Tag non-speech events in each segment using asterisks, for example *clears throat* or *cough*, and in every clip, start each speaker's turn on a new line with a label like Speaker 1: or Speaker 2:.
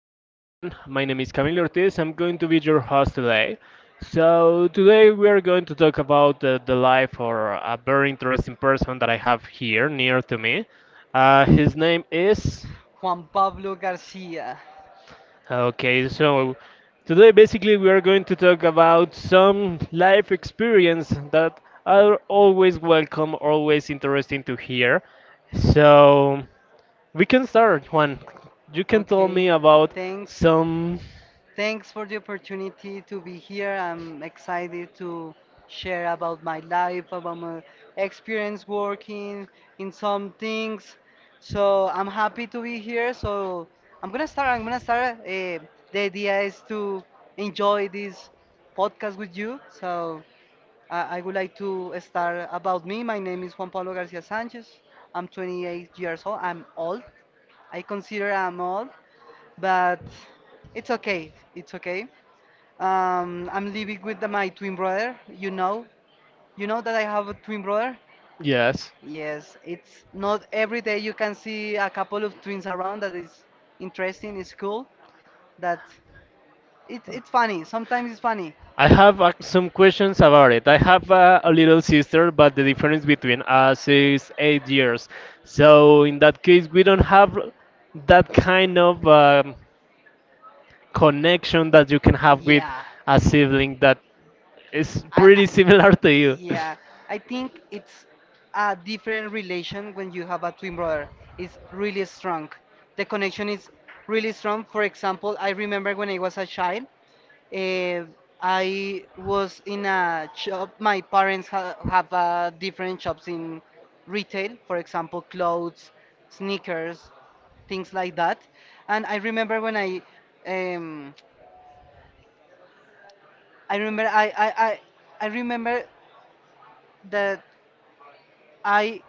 Speaker 1: to everyone. My name is Camilo Ortiz. I'm going to be your host today. So, today we are going to talk about the life or a very interesting person that I have here near to me. His name is.
Speaker 2: Juan Pablo Garcia.
Speaker 1: Okay, so today basically we are going to talk about some life experience that are always welcome, always interesting to hear. So, we can start, Juan. You can tell me
Speaker 2: Okay,
Speaker 1: about
Speaker 2: thanks.
Speaker 1: some.
Speaker 2: Thanks for the opportunity to be here. I'm excited to share about my life, about my experience working in some things. So I'm happy to be here. So I'm gonna start. The idea is to enjoy this podcast with you. So I would like to start about me. My name is Juan Pablo Garcia Sanchez. I'm 28 years old. I'm old. I consider I'm old, but it's okay. It's okay. I'm living with my twin brother. You know that I have a twin brother.
Speaker 1: Yes.
Speaker 2: Yes, it's not every day you can see a couple of twins around. That is interesting. It's cool. That it's funny. Sometimes it's funny.
Speaker 1: I have some questions about it. I have a little sister, but the difference between us is 8 years. So in that case, we don't have that kind of connection that you can have with
Speaker 2: Yeah.
Speaker 1: a sibling that is pretty
Speaker 2: I
Speaker 1: similar to you. *laughs*
Speaker 2: yeah, I think it's a different relation when you have a twin brother. It's really strong. The connection is really strong. For example, I remember when I was a child, uh, I was in a shop. My parents ha have different shops in retail, for example, clothes, sneakers, things like that. And I remember when um, I remember I, I, I, I remember that I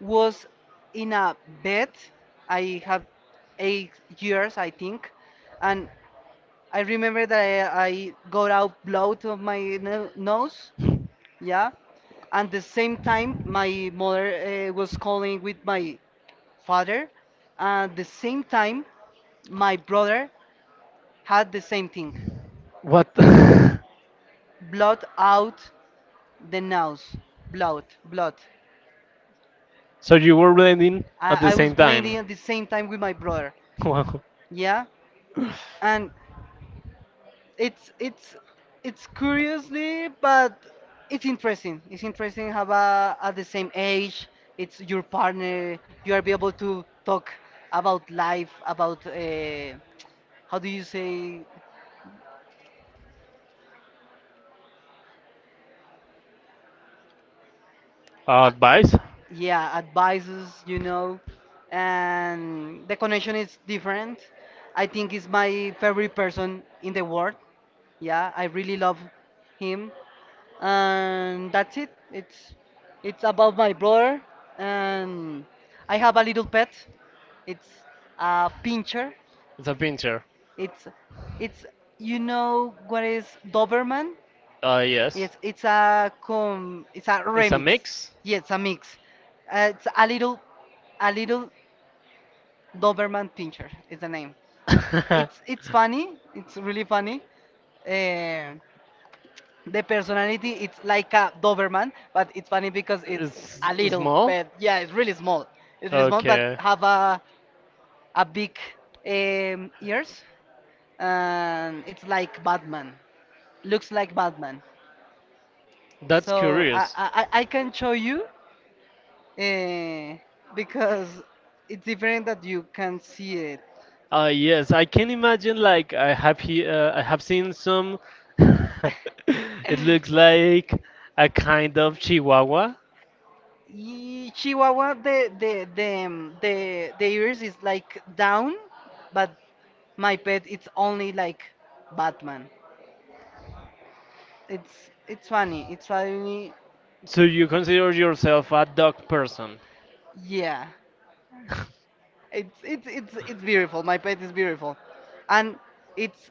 Speaker 2: was in a bed. I have 8 years, I think, and I remember that I got out blood of my nose. Yeah, and the same time my mother was calling with my father, and the same time my brother had the same thing.
Speaker 1: What? *laughs*
Speaker 2: Blood out the nose. Blood, blood.
Speaker 1: So you were blending at the
Speaker 2: I was
Speaker 1: same
Speaker 2: bleeding
Speaker 1: time.
Speaker 2: at the same time with my brother.
Speaker 1: *laughs* Wow.
Speaker 2: Yeah, and it's it's curiously but it's interesting how, a at the same age it's your partner you are be able to talk about life about how do you say
Speaker 1: Advice?
Speaker 2: yeah advices you know and the connection is different. I think he's my favorite person in the world. Yeah, I really love him, and that's it. It's about my brother, and I have a little pet. It's a pincher.
Speaker 1: It's a pincher.
Speaker 2: It's it's you know what is Doberman?
Speaker 1: Yes.
Speaker 2: Yes, it's a
Speaker 1: It's a
Speaker 2: remix.
Speaker 1: mix.
Speaker 2: Yes, it's a mix. It's a little Doberman pincher is the name. It's funny. It's really funny. Uh, The personality, it's like a Doberman, but it's funny because it's a
Speaker 1: It's
Speaker 2: little
Speaker 1: small?
Speaker 2: pet. Yeah, it's really small. It's really small, but
Speaker 1: Okay.
Speaker 2: have a big ears, and it's like Batman. Looks like Batman.
Speaker 1: That's
Speaker 2: So I
Speaker 1: curious.
Speaker 2: I, I I can show you uh, because it's different that you can see it.
Speaker 1: Yes, I can imagine. Like I have he, I have seen some. *laughs* It looks like a kind of Chihuahua.
Speaker 2: Chihuahua, the the ears is like down, but my pet it's only like Batman. It's funny. It's funny.
Speaker 1: So you consider yourself a dog person?
Speaker 2: Yeah. It's beautiful. My pet is beautiful, and it's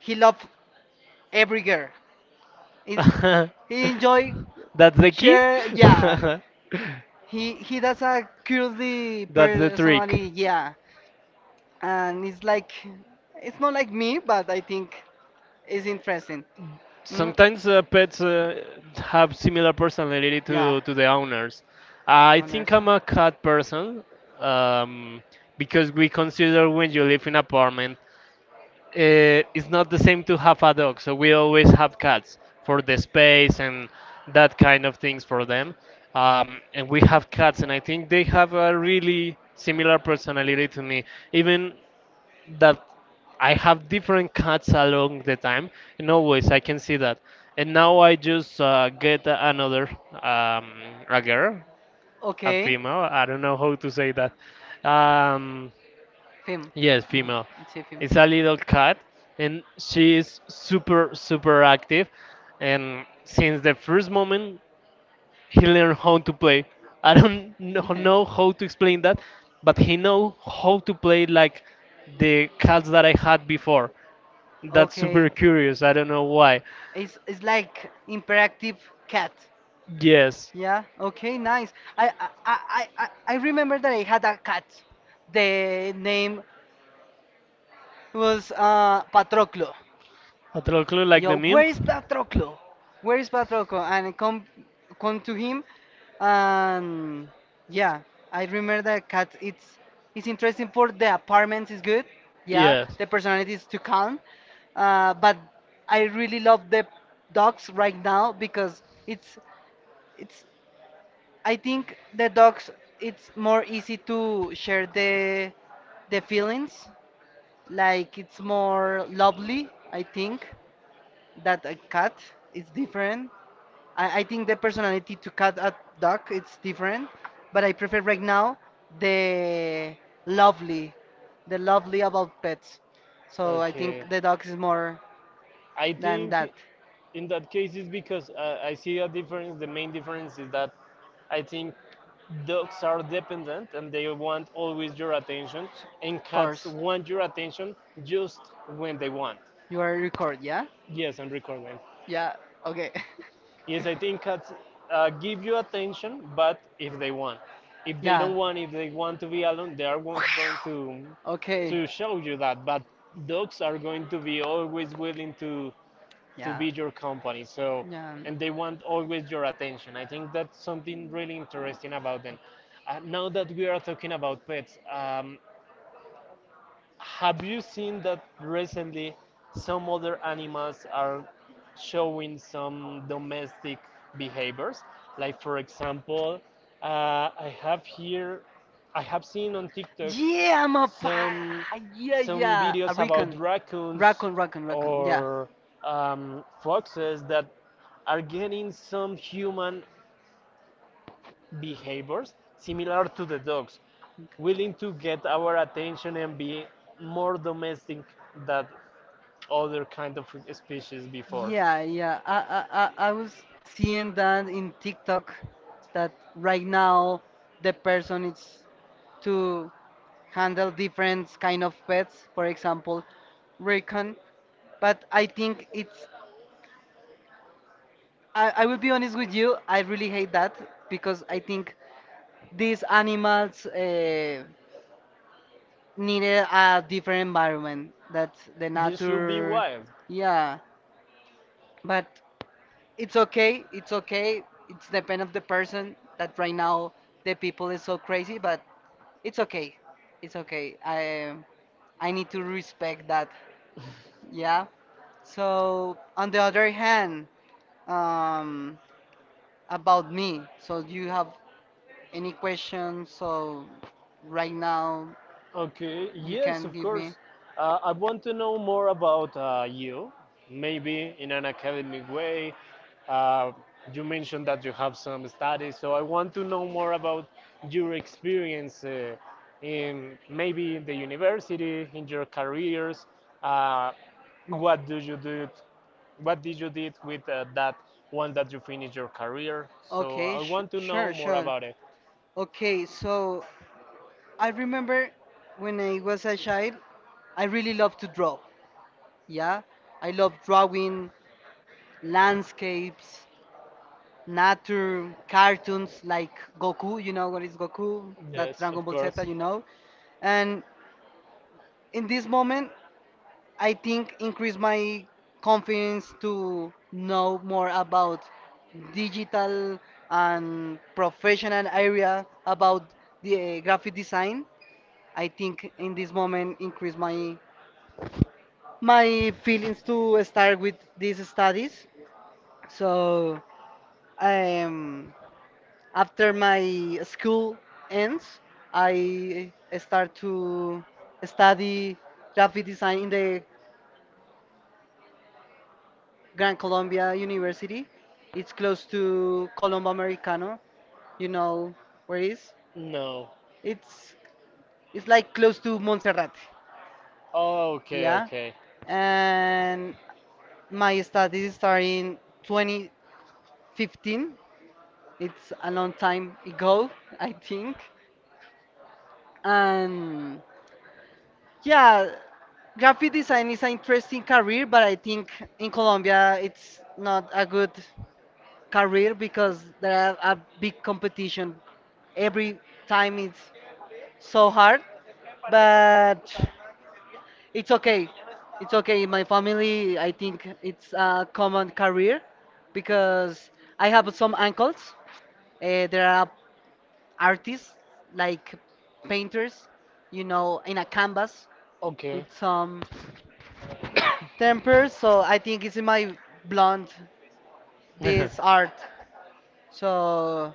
Speaker 2: he love every girl. He,
Speaker 1: *laughs*
Speaker 2: he
Speaker 1: That's
Speaker 2: enjoy
Speaker 1: the key.
Speaker 2: share. Yeah. He does a curiously
Speaker 1: *laughs* That's the
Speaker 2: personality.
Speaker 1: trick.
Speaker 2: Yeah. And it's like it's not like me, but I think it's interesting. Mm.
Speaker 1: Sometimes pets have similar personality
Speaker 2: Yeah.
Speaker 1: to the owners. I think
Speaker 2: Owners.
Speaker 1: I'm a cat person, um, because we consider when you live in apartment, it's not the same to have a dog. So we always have cats for the space and that kind of things for them. And we have cats, and I think they have a really similar personality to me. Even that I have different cuts along the time, and always I can see that. And now I just get another um, a girl, a
Speaker 2: Okay.
Speaker 1: female. I don't know how to say that. Um,
Speaker 2: Film.
Speaker 1: yes,
Speaker 2: Mhm.
Speaker 1: female.
Speaker 2: It's a film.
Speaker 1: It's a little cat, and she is super super active. And since the first moment, he learned how to play. I don't know
Speaker 2: *laughs*
Speaker 1: how to explain that, but he know how to play like the cats that I had before. That's super
Speaker 2: okay.
Speaker 1: curious. I don't know why.
Speaker 2: It's like interactive cat.
Speaker 1: Yes,
Speaker 2: Yeah. Okay. Nice. I remember that I had a cat. The name was Patroclo.
Speaker 1: a troll clue like the
Speaker 2: Yo,
Speaker 1: meme.
Speaker 2: where is Patroclo? Where is Patroclo? And come, come to him, and yeah, I remember that cat. It's interesting for the apartments is good. Yeah,
Speaker 1: Yes.
Speaker 2: the personality is too calm, but I really love the dogs right now because it's. I think the dogs it's more easy to share the feelings. Like it's more lovely, I think that a cat is different. I think the personality to cat a dog it's different, but I prefer right now the lovely, the lovely about pets. So I
Speaker 1: Okay.
Speaker 2: think the dog is more
Speaker 1: I
Speaker 2: than
Speaker 1: think
Speaker 2: that.
Speaker 1: in that case it's because I see a difference. The main difference is that I think dogs are dependent and they want always your attention, and
Speaker 2: Of
Speaker 1: cats
Speaker 2: course.
Speaker 1: want your attention just when they want.
Speaker 2: You are record, yeah?
Speaker 1: Yes, I'm recording.
Speaker 2: Yeah. Okay. *laughs*
Speaker 1: Yes, I think cats give you attention, but if they want, if they don't want, if they want to be alone, they are not going to
Speaker 2: to okay.
Speaker 1: show you that. But dogs are going to be always willing to be your company. So, and they want always your attention. I think that's something really interesting about them. Now that we are talking about pets, have you seen that recently some other animals are showing some domestic behaviors? Like, for example, I have here, I have seen on TikTok
Speaker 2: Yeah, I'm a some
Speaker 1: some some
Speaker 2: yeah,
Speaker 1: videos about
Speaker 2: recon.
Speaker 1: raccoons
Speaker 2: Raccoon, raccoon,
Speaker 1: or foxes that are getting some human behaviors similar to the dogs, willing to get our attention and be more domestic than other kind of species before.
Speaker 2: yeah, yeah. I was seeing that in TikTok that right now the person is to handle different kind of pets, for example, recon. But I think it's I will be honest with you, I really hate that because I think these animals needed a different environment that the
Speaker 1: This should be
Speaker 2: nature
Speaker 1: wild.
Speaker 2: yeah. But it's okay it's depend of the person that right now the people is so crazy but it's okay it's okay i need to respect that yeah. So on the other hand, um about me so do you have any questions so right now
Speaker 1: Okay,
Speaker 2: you
Speaker 1: yes,
Speaker 2: can
Speaker 1: of
Speaker 2: give me
Speaker 1: course. I want to know more about you, maybe in an academic way. Uh, you mentioned that you have some studies, so I want to know more about your experience in maybe the university, in your careers. Uh, what do you do? What did you did with that once that you finished your career? So
Speaker 2: okay
Speaker 1: I want to know more sure
Speaker 2: sure
Speaker 1: about it.
Speaker 2: okay so I remember when I was a child, I really loved to draw. Yeah, I love drawing landscapes, nature, cartoons like Goku. You know what is Goku? That
Speaker 1: Yes,
Speaker 2: Dragon
Speaker 1: of
Speaker 2: Ball Z,
Speaker 1: course.
Speaker 2: you know. And in this moment, I think increase my confidence to know more about digital and professional area about the graphic design. I think in this moment increase my feelings to start with these studies. So, um, after my school ends, I start to study graphic design in the Gran Colombia University. It's close to Colombo Americano. You know where it is?
Speaker 1: No.
Speaker 2: It's it's like close to Montserrat.
Speaker 1: Oh, okay,
Speaker 2: Yeah.
Speaker 1: okay.
Speaker 2: And my studies start in 2015. It's a long time ago, I think. And yeah, graphic design is an interesting career, but I think in Colombia it's not a good career because there are a big competition. Every time it's so hard, but it's okay. It's okay. In my family, I think it's a common career because I have some uncles. There are artists like painters, you know, in a canvas
Speaker 1: Okay.
Speaker 2: with some temper. So I think it's in my blonde this
Speaker 1: *laughs*
Speaker 2: art. So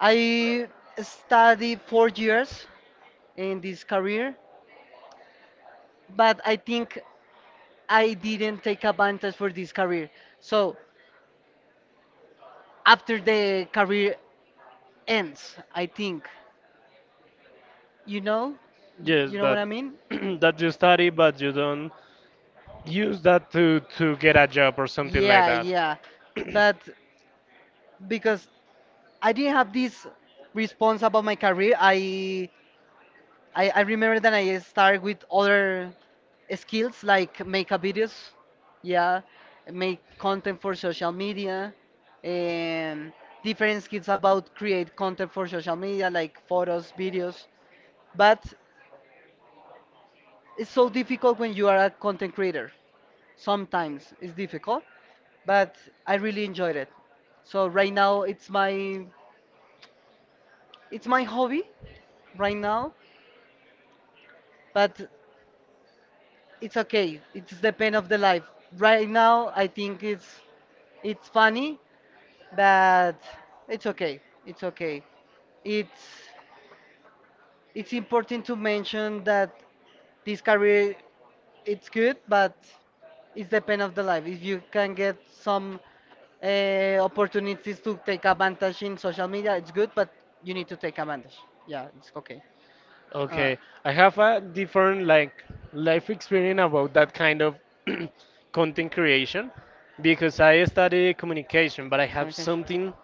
Speaker 2: I studied 4 years in this career, but I think I didn't take advantage for this career. So after the career ends, I think, you know,
Speaker 1: Yes,
Speaker 2: you know what I
Speaker 1: that
Speaker 2: mean?
Speaker 1: *clears throat* that you study but you don't use that to get a job or something like
Speaker 2: Yeah,
Speaker 1: that.
Speaker 2: yeah. But because I didn't have this response about my career. I remember that I started with other skills like makeup videos, yeah, make content for social media, and different skills about create content for social media like photos, videos. But it's so difficult when you are a content creator. Sometimes it's difficult, but I really enjoyed it. So right now it's my hobby right now but it's okay. It's the pain of the life. Right now, I think it's funny, but it's okay. It's okay. It's it's important to mention that this career it's good, but it's the pain of the life. If you can get some opportunities to take advantage in social media, it's good, but you need to take advantage. Yeah, it's okay. Uh,
Speaker 1: Okay, I have a different like life experience about that kind of *clears throat* content creation because I study communication, but I have
Speaker 2: communication.
Speaker 1: something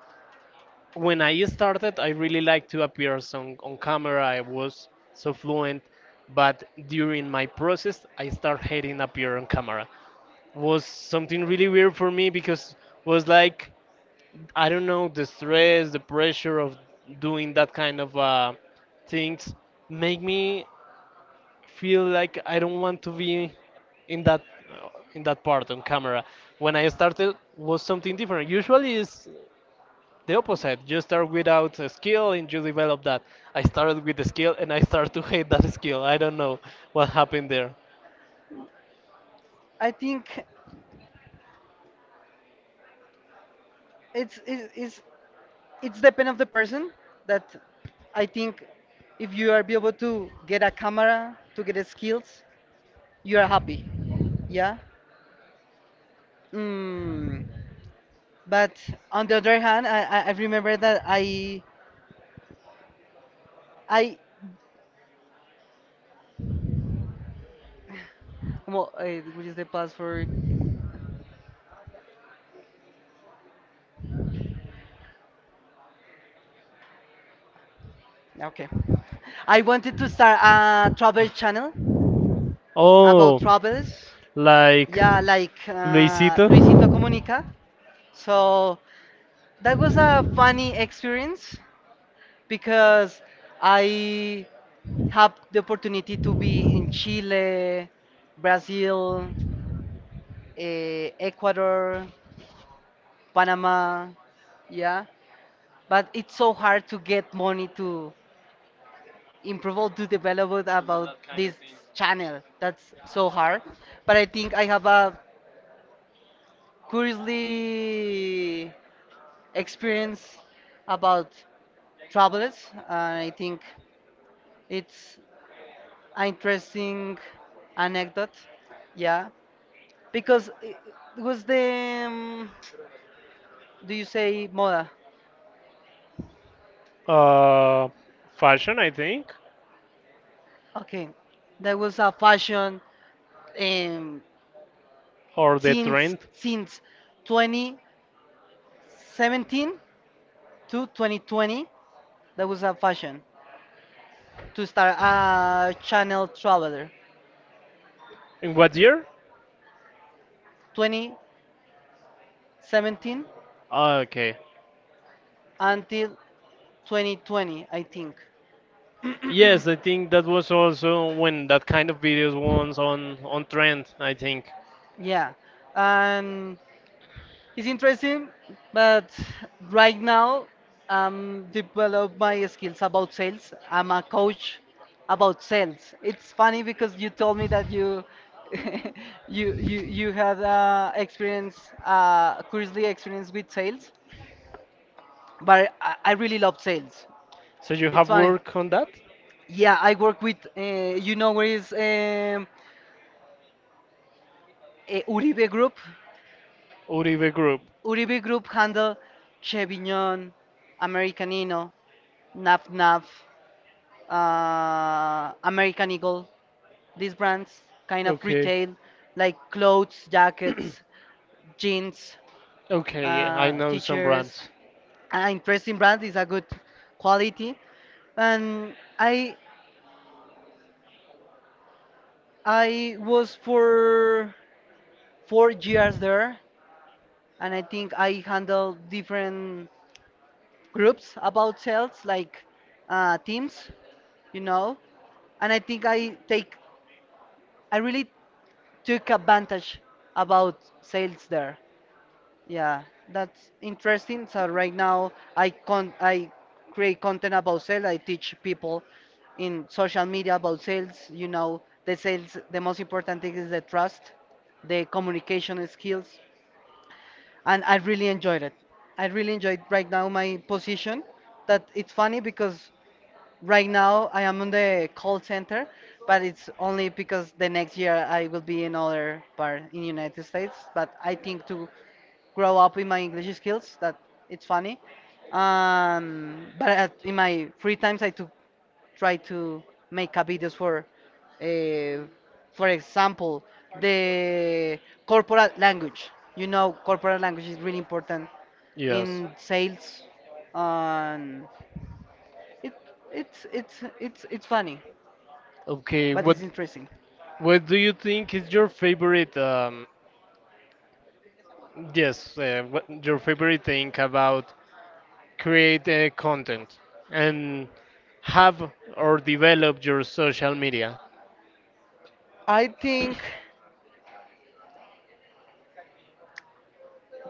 Speaker 1: when I started, I really liked to appear on camera. I was so fluent, but during my process, I started hating appear on camera. Was something really weird for me because was like I don't know the stress, the pressure of doing that kind of things make me feel like I don't want to be in that in that part on camera. When I started, was something different. Usually, is the opposite. You start without a skill and you develop that. I started with the skill and I start to hate that skill. I don't know what happened there.
Speaker 2: I think it's it's it's, it's depend of the person that I think if you are be able to get a camera to get the skills, you are happy. Yeah. Mm. But on the other hand, I remember that I well, which is the past for okay. *laughs* I wanted to start a travel channel about
Speaker 1: Oh,
Speaker 2: travels.
Speaker 1: like
Speaker 2: Yeah, like
Speaker 1: Luisito.
Speaker 2: Luisito Comunica. So that was a funny experience because I had the opportunity to be in Chile, Brazil, Ecuador, Panama. Yeah, but it's so hard to get money to improve or to develop about this channel. That's so hard. But I think I have a curiously experience about travels, and I think it's an interesting anecdote. Yeah, because it was the do you say moda?
Speaker 1: Uh, fashion, I think,
Speaker 2: Okay, that was a fashion um,
Speaker 1: or the trend.
Speaker 2: since 2017 to 2020. That was a fashion to start a channel traveler
Speaker 1: In what year?
Speaker 2: 2017
Speaker 1: Ah, okay.
Speaker 2: until 2020, I think.
Speaker 1: Yes, I think that was also when that kind of videos was on trend, I think.
Speaker 2: Yeah, and it's interesting, but right now I'm develop my skills about sales. I'm a coach about sales. It's funny because you told me that you *laughs* you had experience, curiously experience with sales, but I really love sales.
Speaker 1: So you
Speaker 2: It's
Speaker 1: have
Speaker 2: funny.
Speaker 1: work on that?
Speaker 2: Yeah, I work with you know where is Uribe Group.
Speaker 1: Uribe Group.
Speaker 2: Uribe Group handle Chevignon, Americanino, Naf Naf, American Eagle. These brands kind of
Speaker 1: Okay.
Speaker 2: retail like clothes, jackets,
Speaker 1: *clears throat*
Speaker 2: jeans,
Speaker 1: Okay, yeah, I know some
Speaker 2: t-shirts.
Speaker 1: brands.
Speaker 2: An interesting brand is a good quality. And I I was for 4 years there, and I think I handled different groups about sales like teams, you know. And I think I really took advantage about sales there. Yeah, that's interesting. So right now I create content about sales. I teach people in social media about sales. You know, the sales the most important thing is the trust, the communication skills, and I really enjoyed it. I really enjoyed right now my position. That it's funny because right now, I am on the call center, but it's only because the next year I will be in other part in United States. But I think to grow up in my English skills, that it's funny. But at, in my free times, I to try to make a videos uh, for example, the corporate language. You know, corporate language is really important
Speaker 1: Yes.
Speaker 2: in sales. Um, it it's funny,
Speaker 1: Okay,
Speaker 2: but it's interesting.
Speaker 1: what do you think is your favorite um, yes, what your favorite thing about create content and have or develop your social media
Speaker 2: I think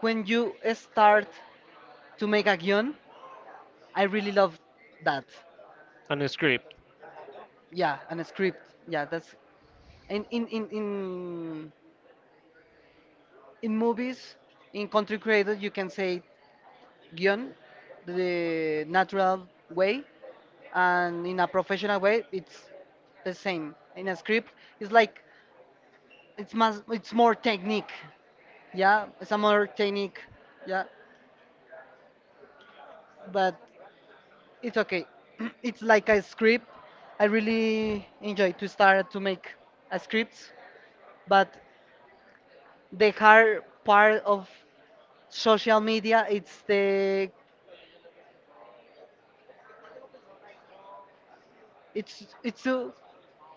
Speaker 2: when you start to make a guion, I really love that.
Speaker 1: and script?
Speaker 2: Yeah, and a script. Yeah, that's in in in in, in movies, in country created, you can say guion the natural way, and in a professional way, it's the same. In a script, it's like it's more technique. Yeah, it's a more technique. Yeah, but it's okay. *clears throat* It's like a script. I really enjoy to start to make a scripts, but the hard part of social media it's the it's it's to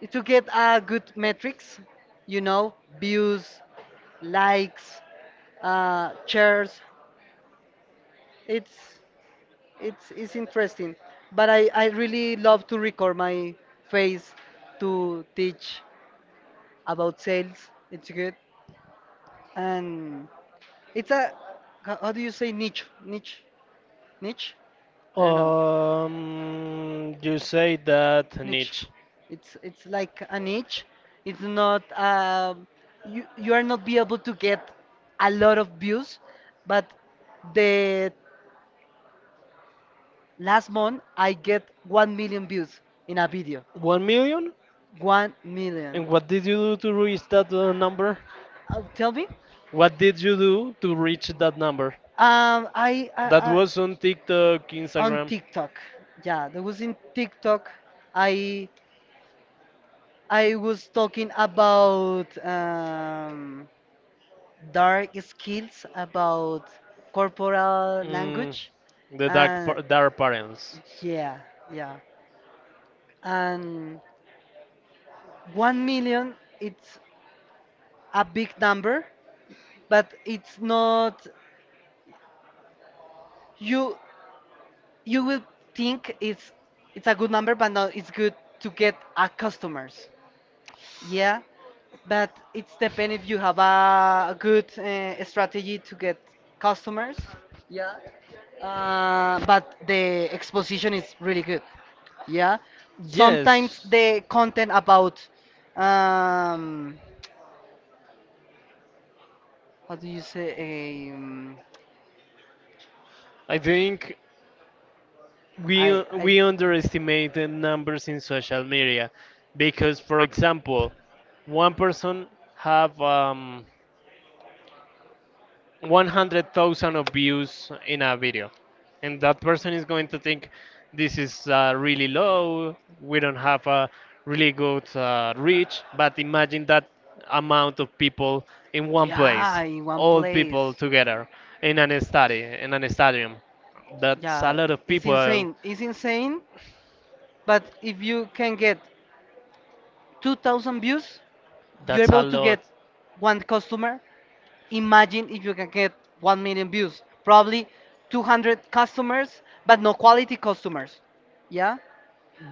Speaker 2: it's to get a good metrics, you know, views, likes, shares. It's it's interesting, but I really love to record my face to teach about sales. It's good, and it's a how do you say niche? Niche? Niche? I don't know.
Speaker 1: You say that
Speaker 2: Niche.
Speaker 1: niche.
Speaker 2: It's like a niche. It's not you you are not be able to get a lot of views, but the last month I get 1 million views in a video.
Speaker 1: 1 million?
Speaker 2: 1 million.
Speaker 1: And what did you do to reach that number?
Speaker 2: Tell me.
Speaker 1: What did you do to reach that number?
Speaker 2: I, I,
Speaker 1: That
Speaker 2: I
Speaker 1: was on TikTok,
Speaker 2: on
Speaker 1: Instagram.
Speaker 2: TikTok. Yeah, there was in TikTok. I I was talking about dark skills, about corporal
Speaker 1: Mm,
Speaker 2: language,
Speaker 1: the dark
Speaker 2: and
Speaker 1: and dark parents.
Speaker 2: yeah, yeah. And 1 million, it's a big number, but it's not. You you will think it's a good number, but no, it's good to get a customers. Yeah, but it's depend if you have a good strategy to get customers. Yeah. But the exposition is really good. Yeah.
Speaker 1: Sometimes
Speaker 2: Sometimes
Speaker 1: yes,
Speaker 2: the content about um, how do you say?
Speaker 1: I think we
Speaker 2: I
Speaker 1: we underestimate the numbers in social media because, for example, one person have 100,000 of views in a video. And that person is going to think this is really low, we don't have a really good reach. But imagine that amount of people in one place,
Speaker 2: in
Speaker 1: all people together in an study, in
Speaker 2: place.
Speaker 1: an stadium. That's a
Speaker 2: Yeah,
Speaker 1: lot of
Speaker 2: it's people.
Speaker 1: people.
Speaker 2: Insane. It's insane. But if you can get 2,000 views, you're
Speaker 1: That's a
Speaker 2: about to get
Speaker 1: lot.
Speaker 2: one customer. Imagine if you can get 1 million views, probably 200 customers, but no quality customers. Yeah,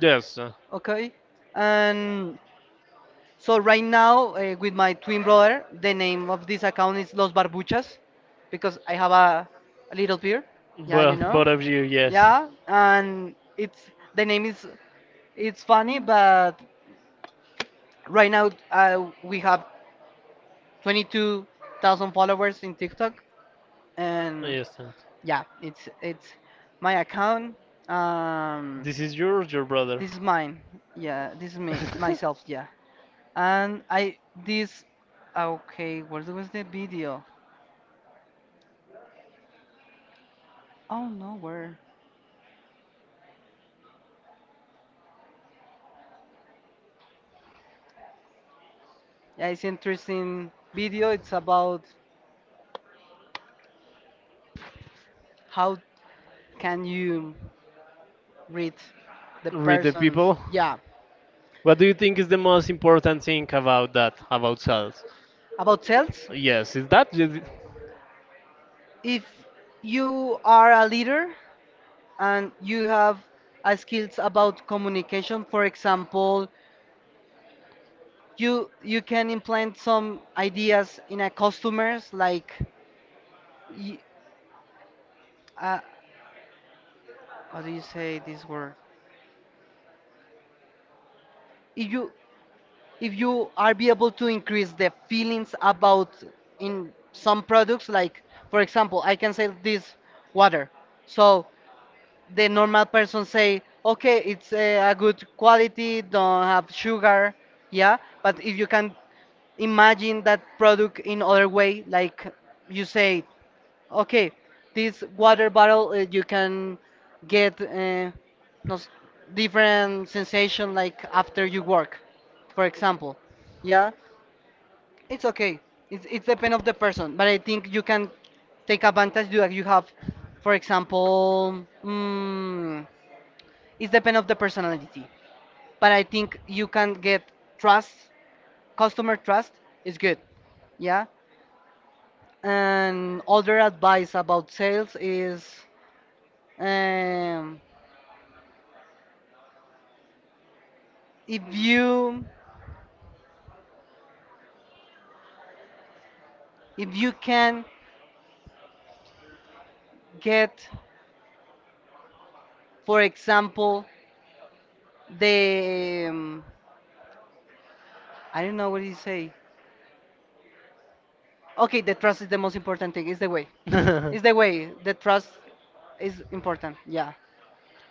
Speaker 1: Yes,
Speaker 2: okay. And so right now, with my twin brother, the name of this account is Los Barbuchas, because I have a little beer. Yeah, you
Speaker 1: both,
Speaker 2: know.
Speaker 1: both of you, yes.
Speaker 2: Yeah, and it's the name is it's funny. But right now, we have 22,000 followers in TikTok,
Speaker 1: No,
Speaker 2: and
Speaker 1: yes. And
Speaker 2: yeah, it's my account. Um,
Speaker 1: this is yours, your brother.
Speaker 2: this is mine. Yeah, this is me
Speaker 1: *laughs*
Speaker 2: myself. Yeah, and I this. Okay, where was the video? Oh no, where? Yeah, it's interesting video. It's about how can you read the
Speaker 1: Read the
Speaker 2: person's.
Speaker 1: people.
Speaker 2: Yeah,
Speaker 1: What do you think is the most important thing about that, about sales?
Speaker 2: about sales.
Speaker 1: Yes, is that? *laughs*
Speaker 2: If you are a leader and you have a skills about communication, for example, you can implant some ideas in a customers like y- uh, how do you say this word. If you if you are be able to increase the feelings about in some products like for example, I can sell this water. So the normal person say okay, it's a good quality, don't have sugar. Yeah, but if you can imagine that product in other way, like you say okay, this water bottle, you can get nos- different sensation like after you work, for example. Yeah, it's okay. It's depend of the person, but I think you can take advantage. You have, for example, it's depend of the personality. But I think you can get trust, customer trust is good. Yeah, and other advice about sales is. Um, if you if you can get for example the I don't know what do you say. Okay, the trust is the most important thing, it's the way it's the way, the
Speaker 1: *laughs*
Speaker 2: trust is important. Yeah,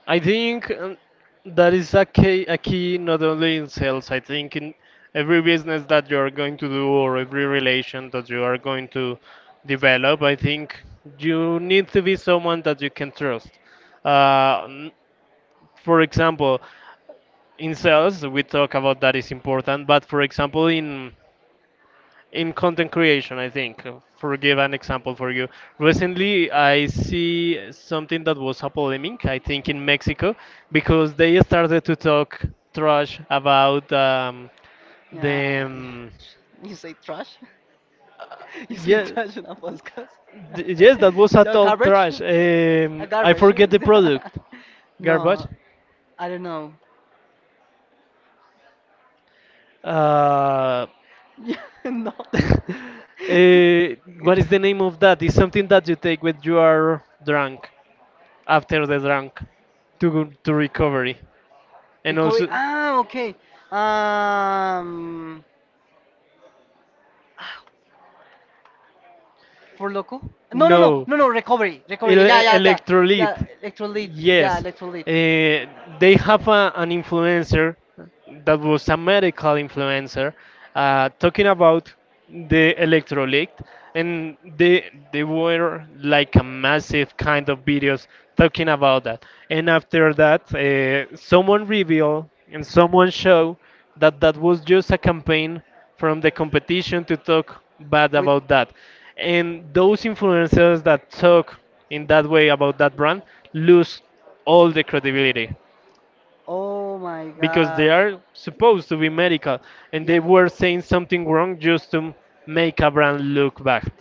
Speaker 1: I think that is a key not only in sales. I think in every business that you are going to do or every relation that you are going to develop, I think you need to be someone that you can trust. Uh, n- for example, in sales, we talk about that is important, but for example, in content creation, I think, for give an example for you. Recently, I see something that was a polemic, I think, in Mexico, because they started to talk trash about the.
Speaker 2: yeah, yeah. *laughs* You say trash. *laughs* You say
Speaker 1: Yeah,
Speaker 2: trash in a podcast.
Speaker 1: yes, that was
Speaker 2: *laughs*
Speaker 1: a
Speaker 2: The
Speaker 1: talk
Speaker 2: garbage,
Speaker 1: trash.
Speaker 2: a
Speaker 1: I
Speaker 2: garbage.
Speaker 1: forget the product.
Speaker 2: *laughs*
Speaker 1: Garbage.
Speaker 2: No, I don't know. *laughs*
Speaker 1: Uh,
Speaker 2: Yeah, no.
Speaker 1: *laughs* eh, what is the name of that? It's something that you take when you are drunk,
Speaker 2: *laughs*
Speaker 1: after the drunk to go to recovery and
Speaker 2: Recovery.
Speaker 1: also
Speaker 2: Ah, okay. Um, For Loco? No, no, no,
Speaker 1: no
Speaker 2: no, no, Recovery, Recovery. Yeah, yeah, yeah, yeah,
Speaker 1: Electrolyte.
Speaker 2: Electrolyte, yeah,
Speaker 1: Yes,
Speaker 2: Electrolyte.
Speaker 1: eh, they have a, an influencer that was a medical influencer talking about the electrolyte, and they were like a massive kind of videos talking about that. And after that, someone revealed and someone showed that that was just a campaign from the competition to talk bad
Speaker 2: With
Speaker 1: about that. And those influencers that talk in that way about that brand lose all the credibility
Speaker 2: oh my,
Speaker 1: because they are supposed to be medical and they were saying something wrong just to make a brand look bad.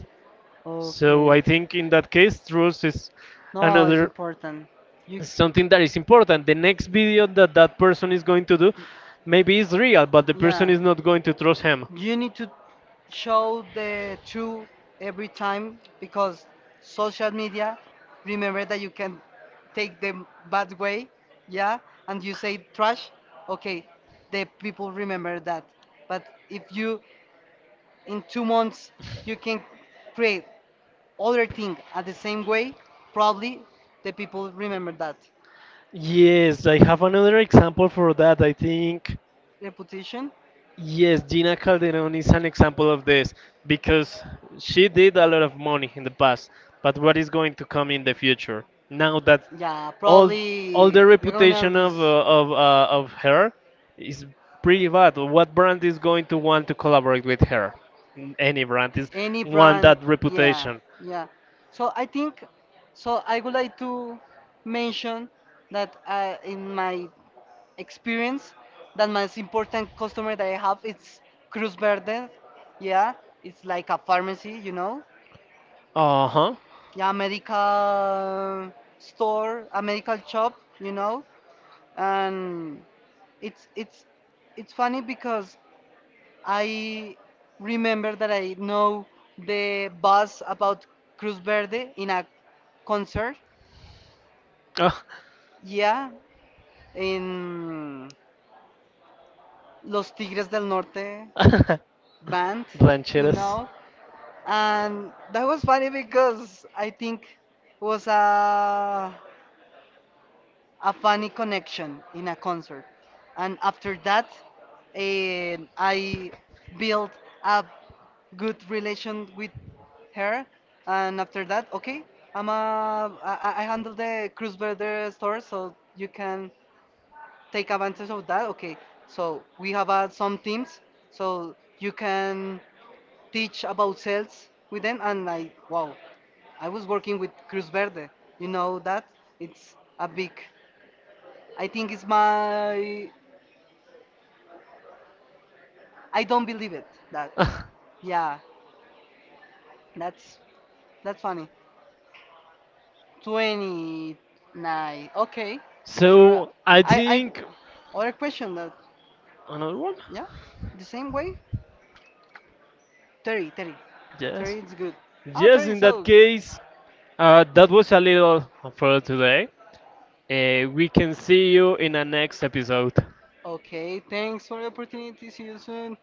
Speaker 2: so
Speaker 1: So I
Speaker 2: I,
Speaker 1: think in that case, truth is
Speaker 2: no, it's
Speaker 1: another
Speaker 2: important.
Speaker 1: something that is important. The next video that that person is going to do maybe is real, but the person is not going to trust him.
Speaker 2: You need to show the truth every time, because social media, remember that you can take the bad way. Yeah, and you say trash, okay, the people remember that. But if you in 2 months you can create other thing at the same way, probably the people remember that.
Speaker 1: Yes, I have another example for that. I think
Speaker 2: Reputation.
Speaker 1: yes, Gina Calderon is an example of this because she did a lot of money in the past, but what is going to come in the future? Now that
Speaker 2: Yeah,
Speaker 1: all all
Speaker 2: probably
Speaker 1: the
Speaker 2: you're gonna
Speaker 1: reputation
Speaker 2: lose.
Speaker 1: of her is pretty bad. What brand is going to want to collaborate with her? Any brand is
Speaker 2: A- Any
Speaker 1: want
Speaker 2: brand,
Speaker 1: that
Speaker 2: yeah,
Speaker 1: reputation.
Speaker 2: yeah. So I think, so I would like to mention that I, in my experience, that most important customer that I have it's Cruz Verde. Yeah, it's like a pharmacy, you know.
Speaker 1: Uh huh.
Speaker 2: Yeah, medical store, a medical shop, you know, and it's it's funny because I remember that I know the buzz about Cruz Verde in a concert, yeah, in Los Tigres del Norte
Speaker 1: Uh,
Speaker 2: band,
Speaker 1: *laughs*
Speaker 2: you
Speaker 1: Blancheras.
Speaker 2: know, and that was funny because I think it was a funny connection in a concert. And after that, eh, I built a good relation with her. And after that, okay, I'm a, I handle the cruise border store, so you can take advantage of that. Okay, so we have some teams, so you can teach about sales with them. And I, wow, I was working with Cruz Verde. You know that it's a big, I think it's my. I don't believe it. That.
Speaker 1: *laughs*
Speaker 2: Yeah. That's that's funny. 29. Okay. Sure.
Speaker 1: So I
Speaker 2: I
Speaker 1: think
Speaker 2: other question that.
Speaker 1: another one.
Speaker 2: Yeah. The same way. 30. 30.
Speaker 1: Yes.
Speaker 2: 30 is good. Ah,
Speaker 1: Yes,
Speaker 2: 30.
Speaker 1: in that
Speaker 2: So.
Speaker 1: case, that was a little for today. We can see you in the next episode.
Speaker 2: Okay. Thanks for the opportunity. See you soon.